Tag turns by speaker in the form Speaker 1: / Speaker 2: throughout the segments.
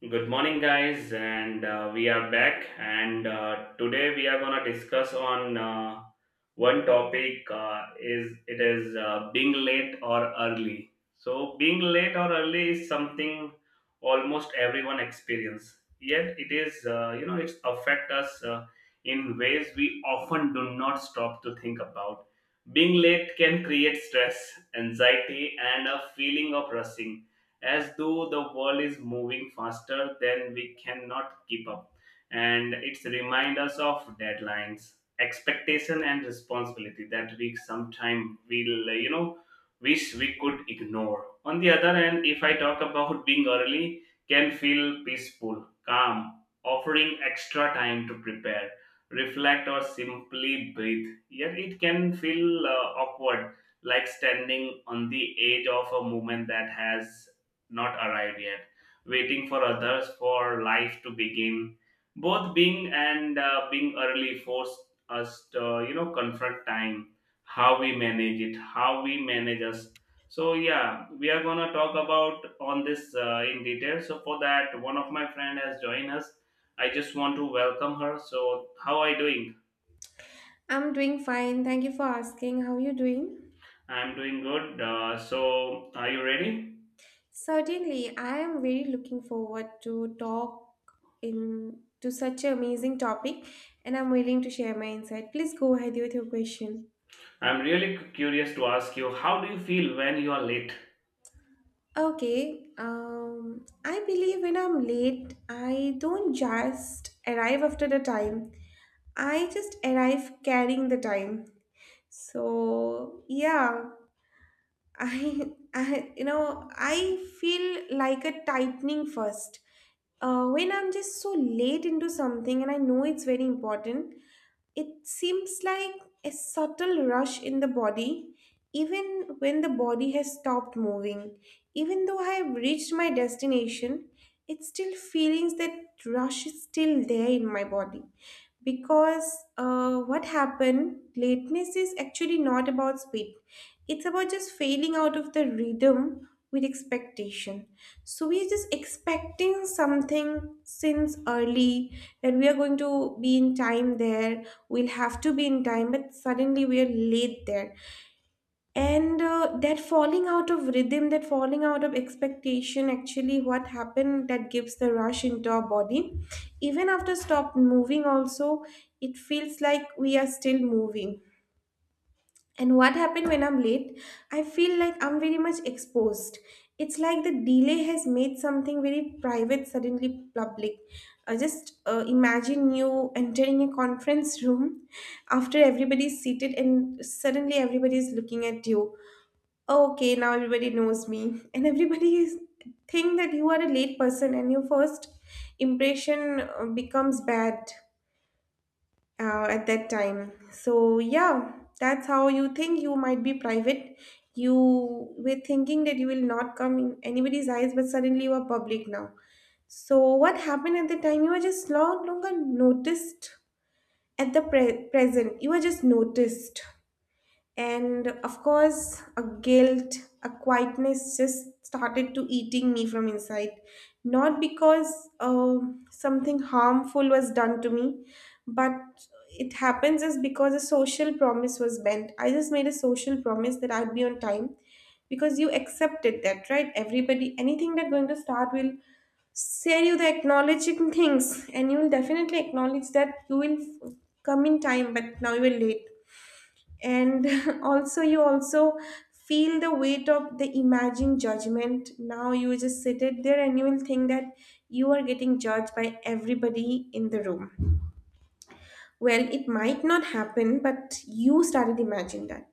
Speaker 1: Good morning, guys, and we are back. And today we are gonna discuss on one topic. Is it is being late or early? So being late or early is something almost everyone experience. Yet it is, you know, it's affect us in ways we often do not stop to think about. Being late can create stress, anxiety, and a feeling of rushing as though the world is moving faster than we cannot keep up, and it's remind us of deadlines, expectation, and responsibility that we sometime will, you know, wish we could ignore. On the other hand, if I talk about being early, can feel peaceful, calm, offering extra time to prepare, reflect, or simply breathe. Yet it can feel awkward, like standing on the edge of a moment that has not arrived yet, waiting for others, for life to begin. Both being and being early force us to, you know, confront time, how we manage it, how we manage us. So yeah, we are gonna talk about on this in detail. So for that, one of my friend has joined us. I just want to welcome her. So how are you doing?
Speaker 2: I'm doing fine. Thank you for asking. How are you doing?
Speaker 1: I'm doing good. So are you ready?
Speaker 2: Certainly, I am very looking forward to talk in to such an amazing topic, and I'm willing to share my insight. Please go ahead with your question.
Speaker 1: I'm really curious to ask you, how do you feel when you are late?
Speaker 2: Okay, I believe when I'm late, I don't just arrive after the time. I just arrive carrying the time. So yeah, I, I you know I feel like a tightening first when I'm just so late into something and I know it's very important. It seems like a subtle rush in the body, even when the body has stopped moving. Even though I have reached my destination, it still feelings that rush is still there in my body. Because what happened, lateness is actually not about speed. It's about just failing out of the rhythm with expectation. So we are just expecting something since early that we are going to be in time there, we'll have to be in time, but suddenly we're late there, and that falling out of rhythm, that falling out of expectation, actually what happened, that gives the rush into our body. Even after stop moving also, it feels like we are still moving. And what happened when I'm late? I feel like I'm very much exposed. It's like the delay has made something very private suddenly public. Just imagine you entering a conference room after everybody's seated and suddenly everybody is looking at you. Oh, okay, now everybody knows me. And everybody is think that you are a late person and your first impression becomes bad at that time. So yeah, that's how you think you might be private. You were thinking that you will not come in anybody's eyes, but suddenly you are public now. So what happened at the time? You were just no longer noticed at the present. You were just noticed. And of course, a guilt, a quietness just started to eating me from inside. Not because something harmful was done to me, but it happens is because a social promise was bent. I just made a social promise that I'd be on time, because you accepted that, right? Everybody, anything that's going to start will say you the acknowledging things, and you will definitely acknowledge that you will come in time, but now you are late, and also you also feel the weight of the imagined judgment. Now you just sit it there and you will think that you are getting judged by everybody in the room. Well, it might not happen, but you started imagining that.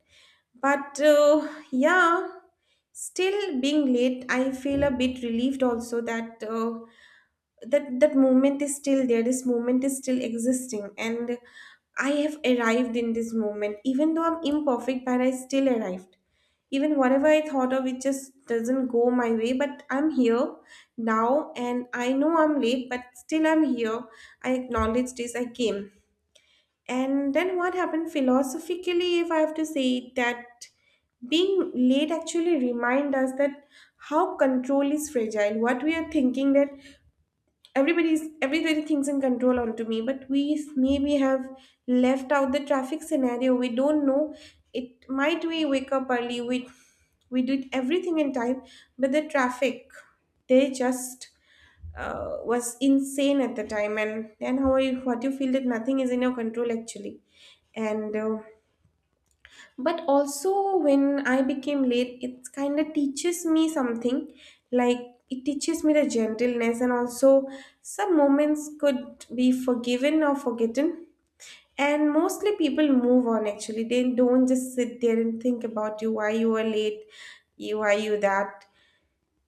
Speaker 2: But yeah, still being late I feel a bit relieved also that that that moment is still there, this moment is still existing, and I have arrived in this moment. Even though I'm imperfect, but I still arrived. Even whatever I thought of it just doesn't go my way, but I'm here now, and I know I'm late but still I'm here. I acknowledge this, I came. And then what happened philosophically, if I have to say it, that being late actually remind us that how control is fragile. What we are thinking, that everybody thinks in control onto me, but maybe have left out the traffic scenario. We don't know. It might, we wake up early, we did everything in time, but the traffic, they just was insane at the time, and then how you, what you feel, that nothing is in your control actually. And But also, when I became late, it kind of teaches me something. Like, it teaches me the gentleness, and also some moments could be forgiven or forgotten, and mostly people move on actually. They don't just sit there and think about you why you were late. You why you that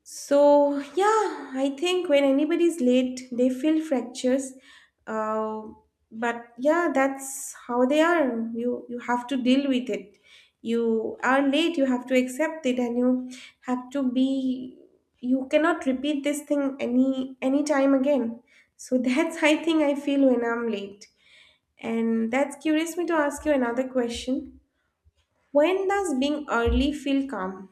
Speaker 2: So, yeah, I think when anybody's late, they feel fractures. Uh, but yeah, that's how they are. You have to deal with it. You are late, you have to accept it, and you have to be. You cannot repeat this thing any time again. So that's I think I feel when I'm late, and that's curious me to ask you another question. When does being early feel calm?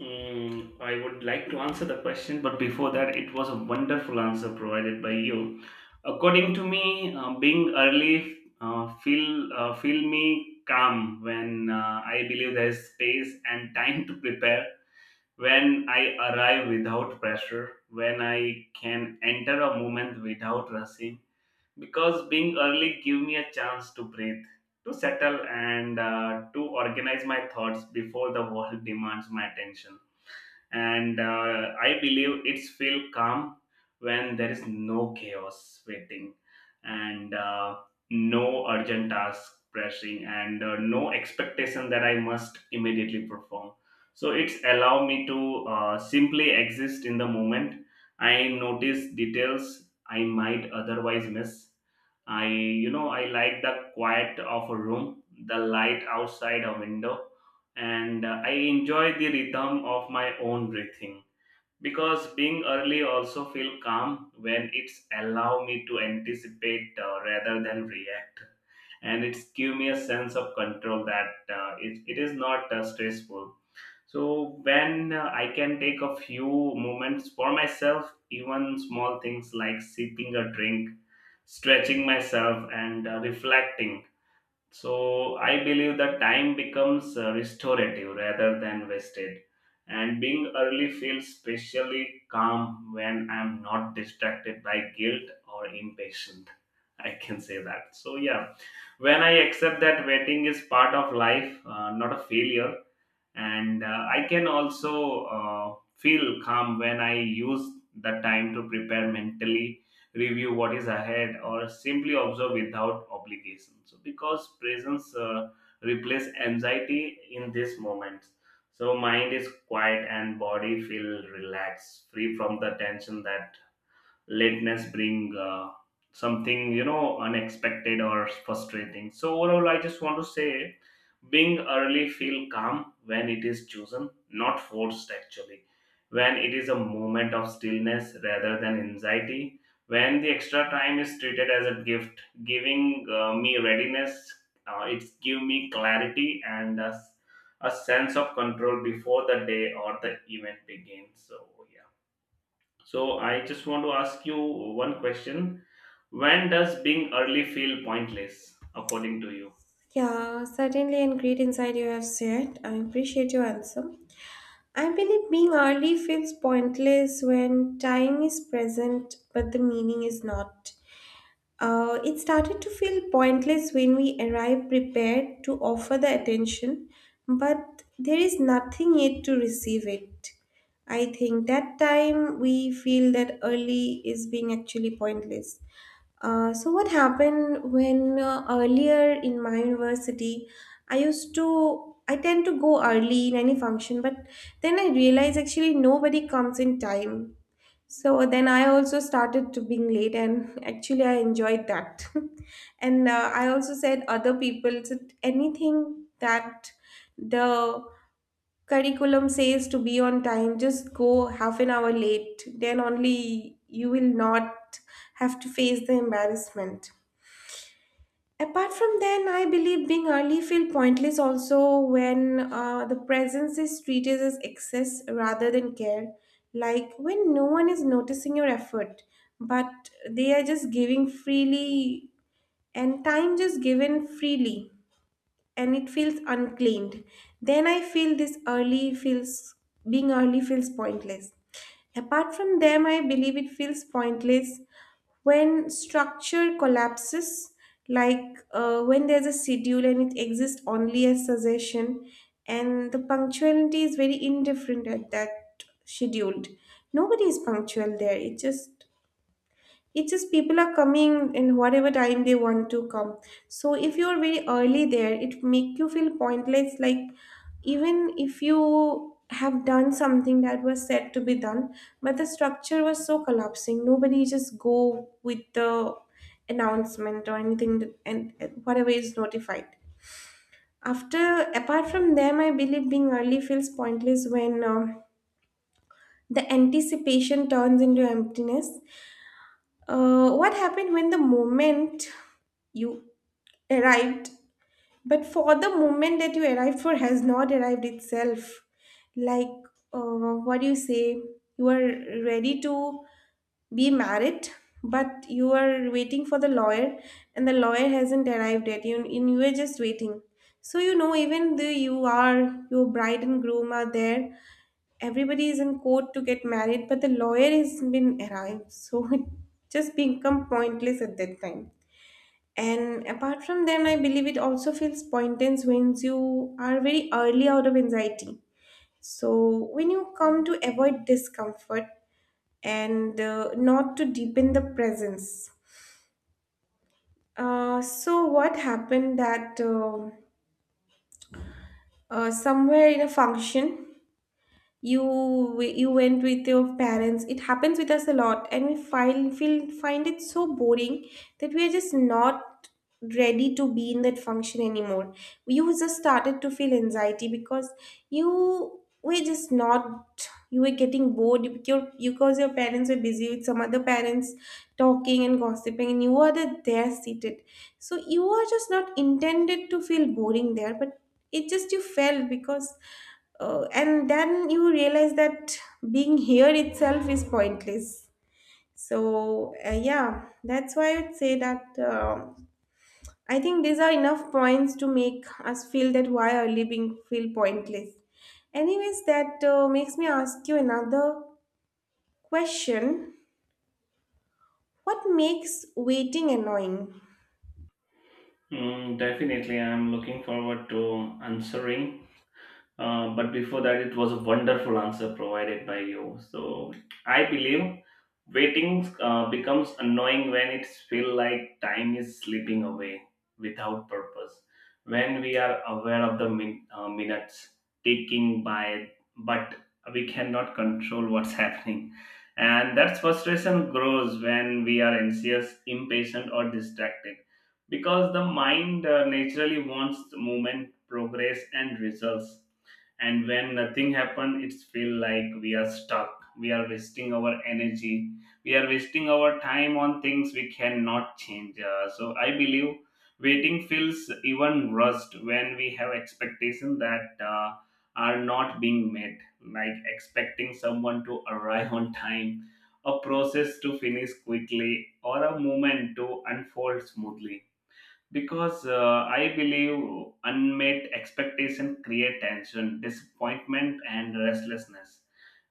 Speaker 1: Mm, I would like to answer the question, but before that, it was a wonderful answer provided by you. According to me, being early feel me calm when I believe there is space and time to prepare. When I arrive without pressure, when I can enter a moment without rushing, because being early give me a chance to breathe, to settle, and to organize my thoughts before the world demands my attention. And I believe it's feel calm when there is no chaos waiting and no urgent task pressing and no expectation that I must immediately perform. So it's allow me to simply exist in the moment. I notice details I might otherwise miss. I I like the quiet of a room, the light outside a window, and I enjoy the rhythm of my own breathing, because being early also feel calm when it's allow me to anticipate rather than react, and it's give me a sense of control that it is not stressful. So when I can take a few moments for myself, even small things like sipping a drink, stretching myself, and reflecting, so I believe that time becomes restorative rather than wasted. And being early feels specially calm when I'm not distracted by guilt or impatient. I can say that. So, yeah, when I accept that waiting is part of life, not a failure, and I can also feel calm when I use the time to prepare mentally, review what is ahead, or simply observe without obligation. So because presence replace anxiety in this moment, so mind is quiet and body feel relaxed, free from the tension that lateness bring, something, you know, unexpected or frustrating. So overall I just want to say being early feel calm when it is chosen, not forced actually, when it is a moment of stillness rather than anxiety, when the extra time is treated as a gift, giving me readiness. It's give me clarity and a sense of control before the day or the event begins. So yeah, so I just want to ask you one question. When does being early feel pointless, according to you?
Speaker 2: Yeah, certainly, and great insight you have shared. I appreciate your answer. I believe being early feels pointless when time is present, but the meaning is not. It started to feel pointless when we arrive prepared to offer the attention, but there is nothing yet to receive it. I think that time we feel that early is being actually pointless. So what happened when earlier in my university, I tend to go early in any function, but then I realized actually nobody comes in time. So then I also started to being late, and actually I enjoyed that. And I also said, other people said anything that the curriculum says to be on time, just go half an hour late, then only you will not have to face the embarrassment. Apart from then, I believe being early feel pointless also when the presence is treated as excess rather than care, like when no one is noticing your effort but they are just giving freely, and time just given freely, and it feels uncleaned. Then I feel this early feels, being early feels pointless. Apart from them, I believe it feels pointless when structure collapses, like when there's a schedule and it exists only as suggestion, and the punctuality is very indifferent at that scheduled. Nobody is punctual there. It's just people are coming in whatever time they want to come. So if you are very early there, it make you feel pointless, like even if you have done something that was said to be done, but the structure was so collapsing, nobody just go with the announcement or anything that- and whatever is notified after. Apart from them, I believe being early feels pointless when the anticipation turns into emptiness. What happened when the moment you arrived, but for the moment that you arrived for has not arrived itself? Like, what do you say? You are ready to be married, but you are waiting for the lawyer, and the lawyer hasn't arrived yet, you, and you are just waiting. So even though your bride and groom are there, everybody is in court to get married, but the lawyer hasn't been arrived, so it just become pointless at that time. And apart from them, I believe it also feels pointless when you are very early out of anxiety. So when you come to avoid discomfort and not to deepen the presence. So, what happened, that somewhere in a function, you went with your parents, it happens with us a lot, and we find it so boring that we are just not ready to be in that function anymore. You just started to feel anxiety because you were just not you were getting bored, your because your parents were busy with some other parents talking and gossiping, and you were there seated. So you are just not intended to feel boring there, but it just you felt because and then you realize that being here itself is pointless. So, yeah, that's why I'd say that I think these are enough points to make us feel that why are living feel pointless. Anyways, that makes me ask you another question. What makes waiting annoying?
Speaker 1: Mm, definitely, I'm looking forward to answering. But before that, it was a wonderful answer provided by you. So I believe waiting becomes annoying when it feels like time is slipping away without purpose. When we are aware of the minutes ticking by, but we cannot control what's happening. And that frustration grows when we are anxious, impatient, or distracted, because the mind naturally wants movement, progress, and results, and when nothing happens it feels like we are stuck, we are wasting our energy, we are wasting our time on things we cannot change. So I believe waiting feels even rushed when we have expectations that are not being met, like expecting someone to arrive on time, a process to finish quickly, or a moment to unfold smoothly, because I believe unmet expectation create tension, disappointment, and restlessness.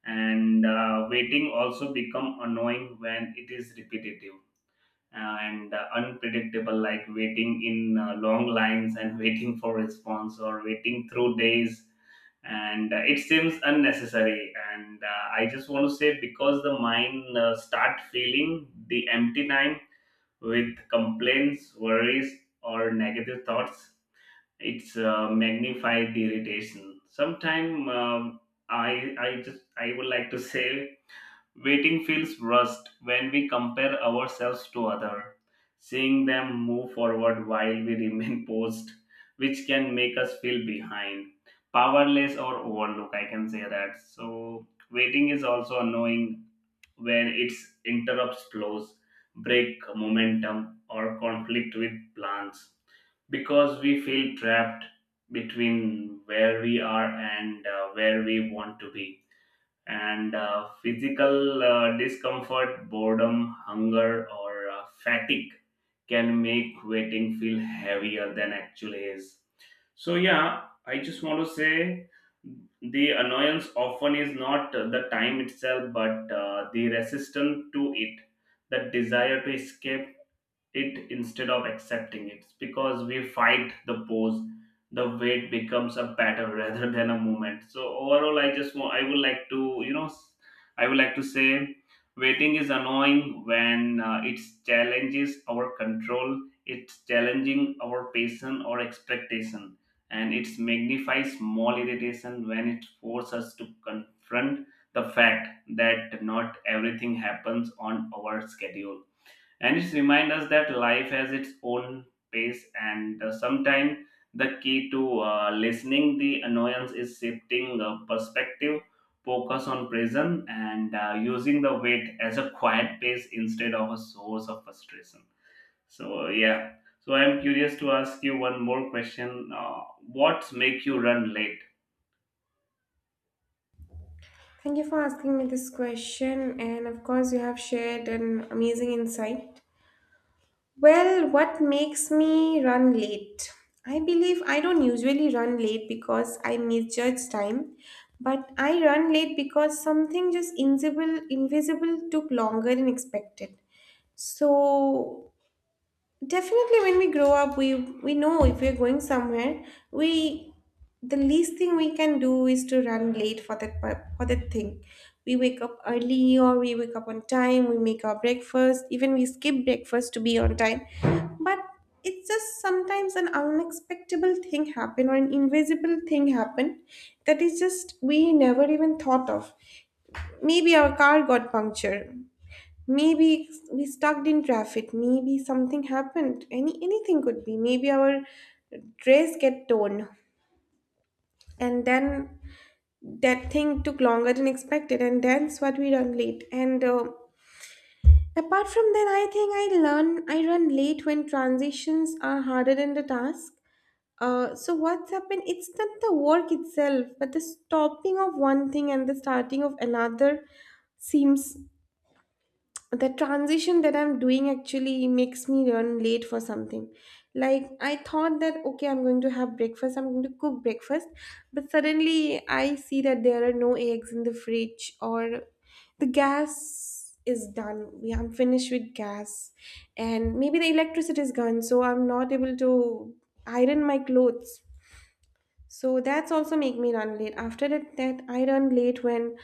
Speaker 1: And Waiting also become annoying when it is repetitive and unpredictable, like waiting in long lines and waiting for response or waiting through days, and it seems unnecessary, and I just want to say because the mind start feeling the empty time with complaints, worries, or negative thoughts. It's magnify the irritation. Sometimes I would like to say waiting feels rushed when we compare ourselves to other, seeing them move forward while we remain paused, which can make us feel behind, powerless, or overlooked. I can say that. So waiting is also annoying when its interrupts flows, break momentum, or conflict with plans, because we feel trapped between where we are and where we want to be. And Physical discomfort, boredom, hunger, or fatigue can make waiting feel heavier than actually is. So yeah, I just want to say the annoyance often is not the time itself, but the resistance to it, the desire to escape it instead of accepting it, because we fight the pose, the weight becomes a battle rather than a moment. So overall I just want I would like to, you know, I would like to say waiting is annoying when it challenges our control, it's challenging our patience or expectation, and it magnifies small irritation when it forces us to confront the fact that not everything happens on our schedule, and it reminds us that life has its own pace, and sometimes the key to listening the annoyance is shifting perspective, focus on present, and using the weight as a quiet pace instead of a source of frustration. So yeah, so I'm curious to ask you one more question, what make you run late?
Speaker 2: Thank you for asking me this question, and of course, you have shared an amazing insight. Well, what makes me run late? I believe I don't usually run late because I misjudge time, but I run late because something just invisible took longer than expected. So definitely, when we grow up, we know if we're going somewhere, we the least thing we can do is to run late for that thing. We wake up early, or we wake up on time. We make our breakfast. Even we skip breakfast to be on time. But it's just sometimes an unexpected thing happen or an invisible thing happen that is just we never even thought of. Maybe our car got punctured, maybe we stuck in traffic, maybe something happened, anything could be, maybe our dress get torn, and then that thing took longer than expected and that's what we run late, and apart from that, I think I run late when transitions are harder than the task. So what's happened, it's not the work itself but the stopping of one thing and the starting of another seems the transition that I'm doing actually makes me run late for something. Like, I thought that okay, I'm going to have breakfast, I'm going to cook breakfast, but suddenly I see that there are no eggs in the fridge, or the gas is done, we I'm finished with gas, and maybe the electricity is gone so I'm not able to iron my clothes. So that's also make me run late. After that, that I run late when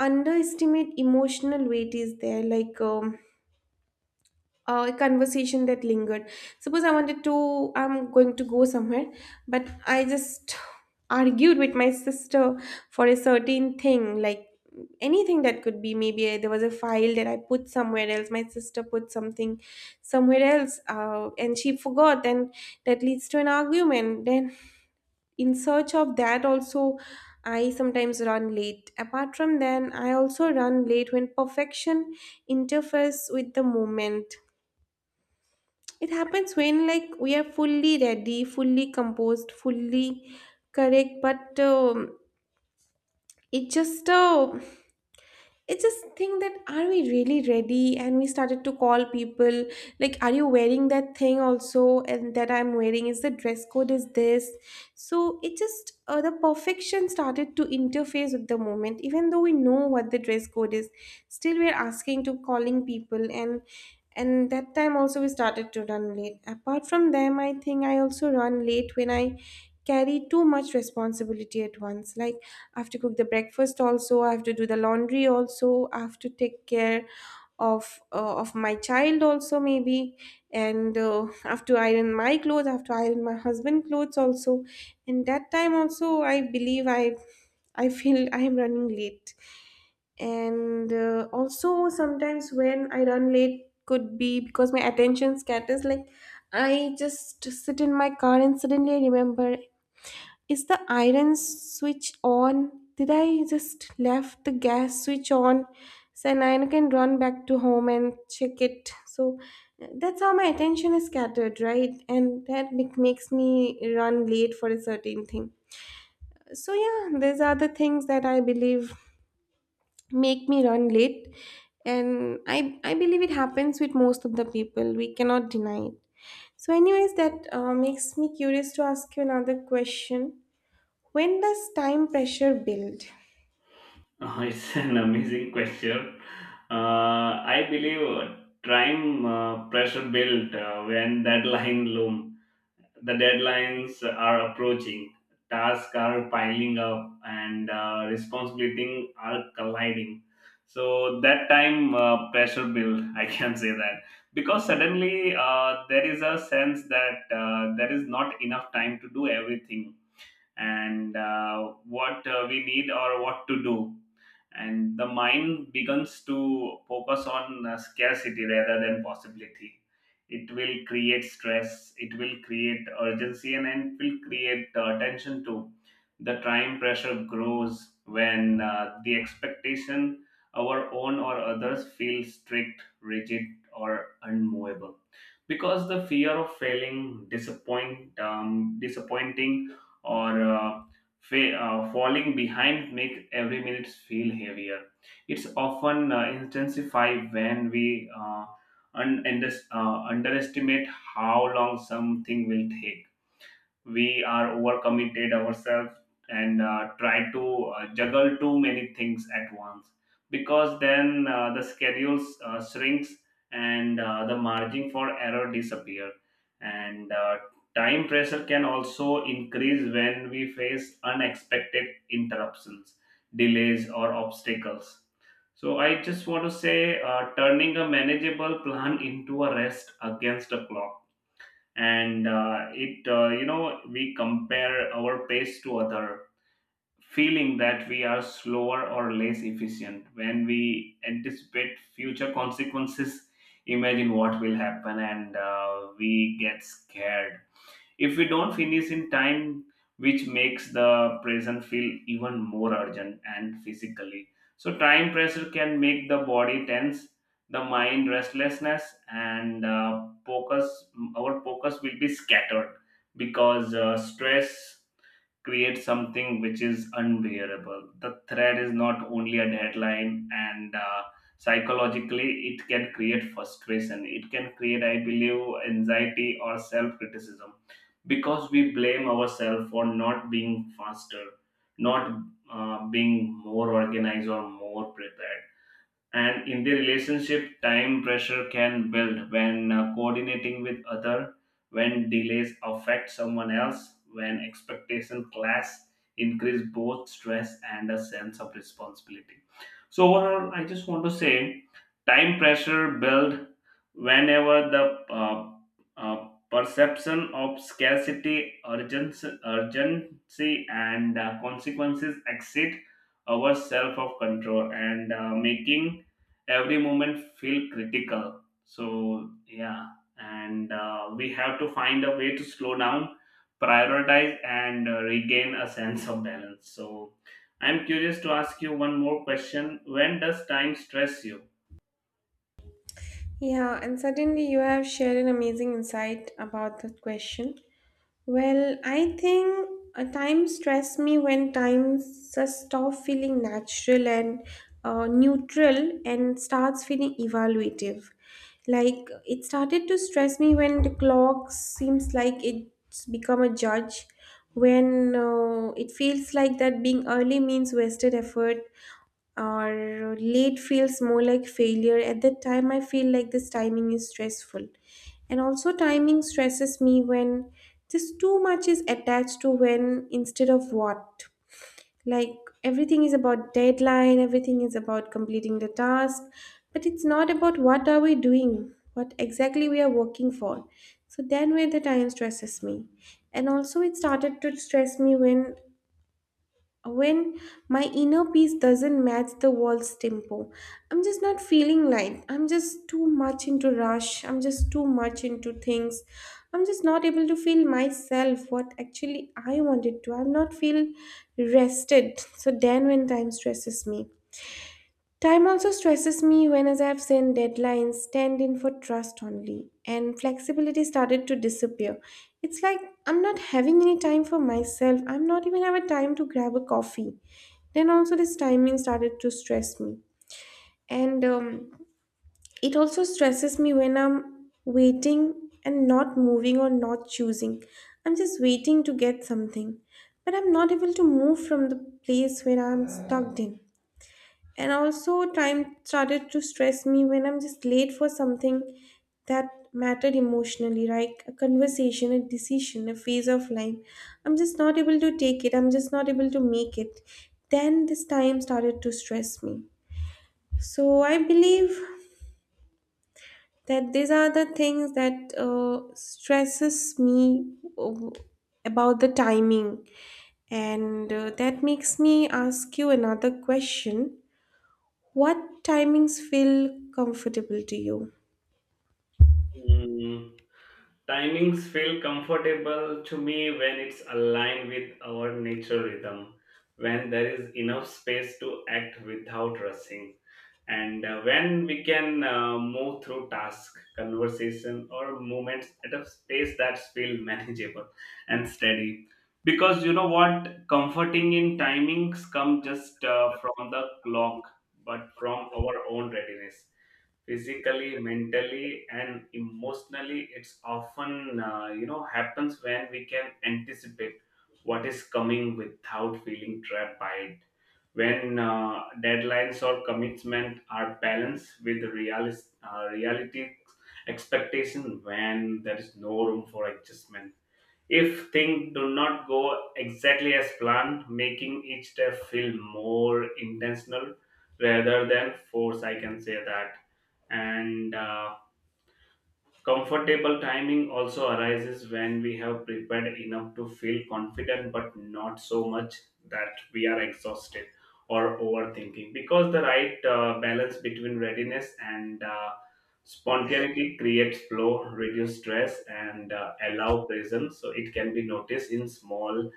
Speaker 2: underestimate emotional weight is there, like a conversation that lingered. Suppose I wanted to, I'm going to go somewhere, but I just argued with my sister for a certain thing, like anything that could be. Maybe there was a file that I put somewhere else, my sister put something somewhere else, and she forgot, and that leads to an argument. Then, in search of that, also. I sometimes run late. Apart from then, I also run late when perfection interferes with the moment. It happens when, like, we are fully ready, fully composed, fully correct, but it just it's this thing that are we really ready, and we started to call people like, are you wearing that thing also, and that I'm wearing is the dress code is this. So it just the perfection started to interface with the moment even though we know what the dress code is, still we're asking to calling people. And that time also we started to run late. Apart from them, I think I also run late when I carry too much responsibility at once. Like, I have to cook the breakfast also. I have to do the laundry also. I have to take care of my child also maybe, and I have to iron my clothes. I have to iron my husband clothes also. And that time also, I believe I feel I am running late, and also sometimes when I run late could be because my attention scatters, like. I just sit in my car and suddenly I remember, is the iron switch on? Did I just left the gas switch on? So now I can run back to home and check it. So that's how my attention is scattered, right? And that makes me run late for a certain thing. So yeah, these are the things that I believe make me run late, and I believe it happens with most of the people. We cannot deny it. So, anyways, that makes me curious to ask you another question. When does time pressure build?
Speaker 1: Oh, it's an amazing question. I believe time pressure built when deadline loom. The deadlines are approaching, tasks are piling up, and responsibilities are colliding. So that time pressure build, I can say that, because suddenly there is a sense that there is not enough time to do everything and what we need or what to do, and the mind begins to focus on scarcity rather than possibility. It will create stress, it will create urgency, and it will create tension too. The time pressure grows when the expectation, our own or others, feel strict, rigid, or unmovable, because the fear of failing, disappointing, or falling behind make every minute feel heavier. It's often intensified when we underestimate how long something will take, we are overcommitted ourselves, and try to juggle too many things at once, because then the schedules shrinks and the margin for error disappear, and time pressure can also increase when we face unexpected interruptions, delays, or obstacles. So I just want to say turning a manageable plan into a rest against a clock, and it you know, we compare our pace to other, feeling that we are slower or less efficient, when we anticipate future consequences, imagine what will happen, and we get scared if we don't finish in time, which makes the present feel even more urgent. And physically, so time pressure can make the body tense, the mind restlessness, and focus, our focus will be scattered, because stress create something which is unbearable. The threat is not only a deadline, and psychologically, it can create frustration. It can create, I believe, anxiety or self criticism, because we blame ourselves for not being faster, not being more organized or more prepared. And in the relationship, time pressure can build when coordinating with other, when delays affect someone else, when expectation clash, increase both stress and a sense of responsibility. So overall I just want to say time pressure build whenever the uh, perception of scarcity, urgency and consequences exceed our self of control, and making every moment feel critical. So yeah, and we have to find a way to slow down, prioritize, and regain a sense of balance. So I'm curious to ask you one more question. When does time stress you?
Speaker 2: Yeah, and certainly you have shared an amazing insight about that question. Well, I think a time stress me when times just stop feeling natural and neutral and starts feeling evaluative. Like, it started to stress me when the clock seems like it's become a judge, when it feels like that being early means wasted effort or late feels more like failure. At that time, I feel like this timing is stressful. And also, timing stresses me when just too much is attached to when instead of what. Like, everything is about deadline, everything is about completing the task, but it's not about what are we doing, what exactly we are working for. So then where the time stresses me. And also it started to stress me when when my inner peace doesn't match the world's tempo. I'm just not feeling light, I'm just too much into rush, I'm just too much into things, I'm just not able to feel myself what actually I wanted to, I'm not feel rested. So then when time stresses me. Time also stresses me when, as I've seen, deadlines stand in for trust only, and flexibility started to disappear. It's like I'm not having any time for myself. I'm not even have a time to grab a coffee. Then also this timing started to stress me, and it also stresses me when I'm waiting and not moving or not choosing. I'm just waiting to get something, but I'm not able to move from the place where I'm stuck in. And also, time started to stress me when I'm just late for something that mattered emotionally, like a conversation, a decision, a phase of life. I'm just not able to take it, I'm just not able to make it. Then this time started to stress me. So, I believe that these are the things that stresses me about the timing. And that makes me ask you another question. What timings feel comfortable to you?
Speaker 1: Mm, timings feel comfortable to me when it's aligned with our natural rhythm, when there is enough space to act without rushing, and when we can move through task, conversation, or movements at a pace that's feel manageable and steady. Because you know what, comforting in timings come just from the clock, but from our own readiness, physically, mentally, and emotionally. It's often, you know, happens when we can anticipate what is coming without feeling trapped by it, when deadlines or commitment are balanced with reality expectation, when there is no room for adjustment if things do not go exactly as planned, making each step feel more intentional rather than force. I can say that, and. Comfortable timing also arises when we have prepared enough to feel confident, but not so much that we are exhausted or overthinking. Because the right balance between readiness and spontaneity creates flow, reduce stress, and allow presence. So it can be noticed in small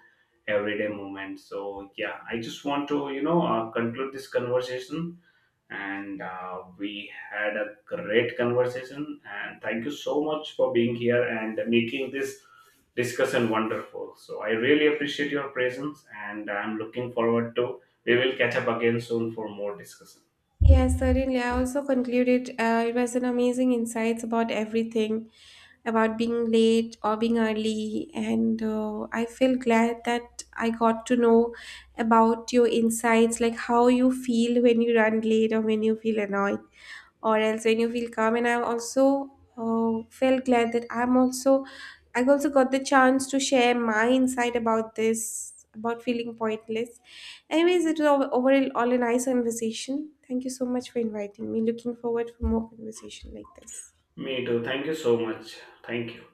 Speaker 1: everyday moments. So yeah, I just want to, you know, conclude this conversation, and we had a great conversation, and thank you so much for being here and making this discussion wonderful. So I really appreciate your presence, and I'm looking forward to, we will catch up again soon for more discussion.
Speaker 2: Yes, certainly. I also concluded, it was an amazing insights about everything, about being late or being early, and I feel glad that I got to know about your insights, like how you feel when you run late or when you feel annoyed, or else when you feel calm. And I also felt glad that I also got the chance to share my insight about this, about feeling pointless. Anyways, it was overall all a nice conversation. Thank you so much for inviting me. Looking forward for more conversation like this.
Speaker 1: Me too, thank you so much. Thank you.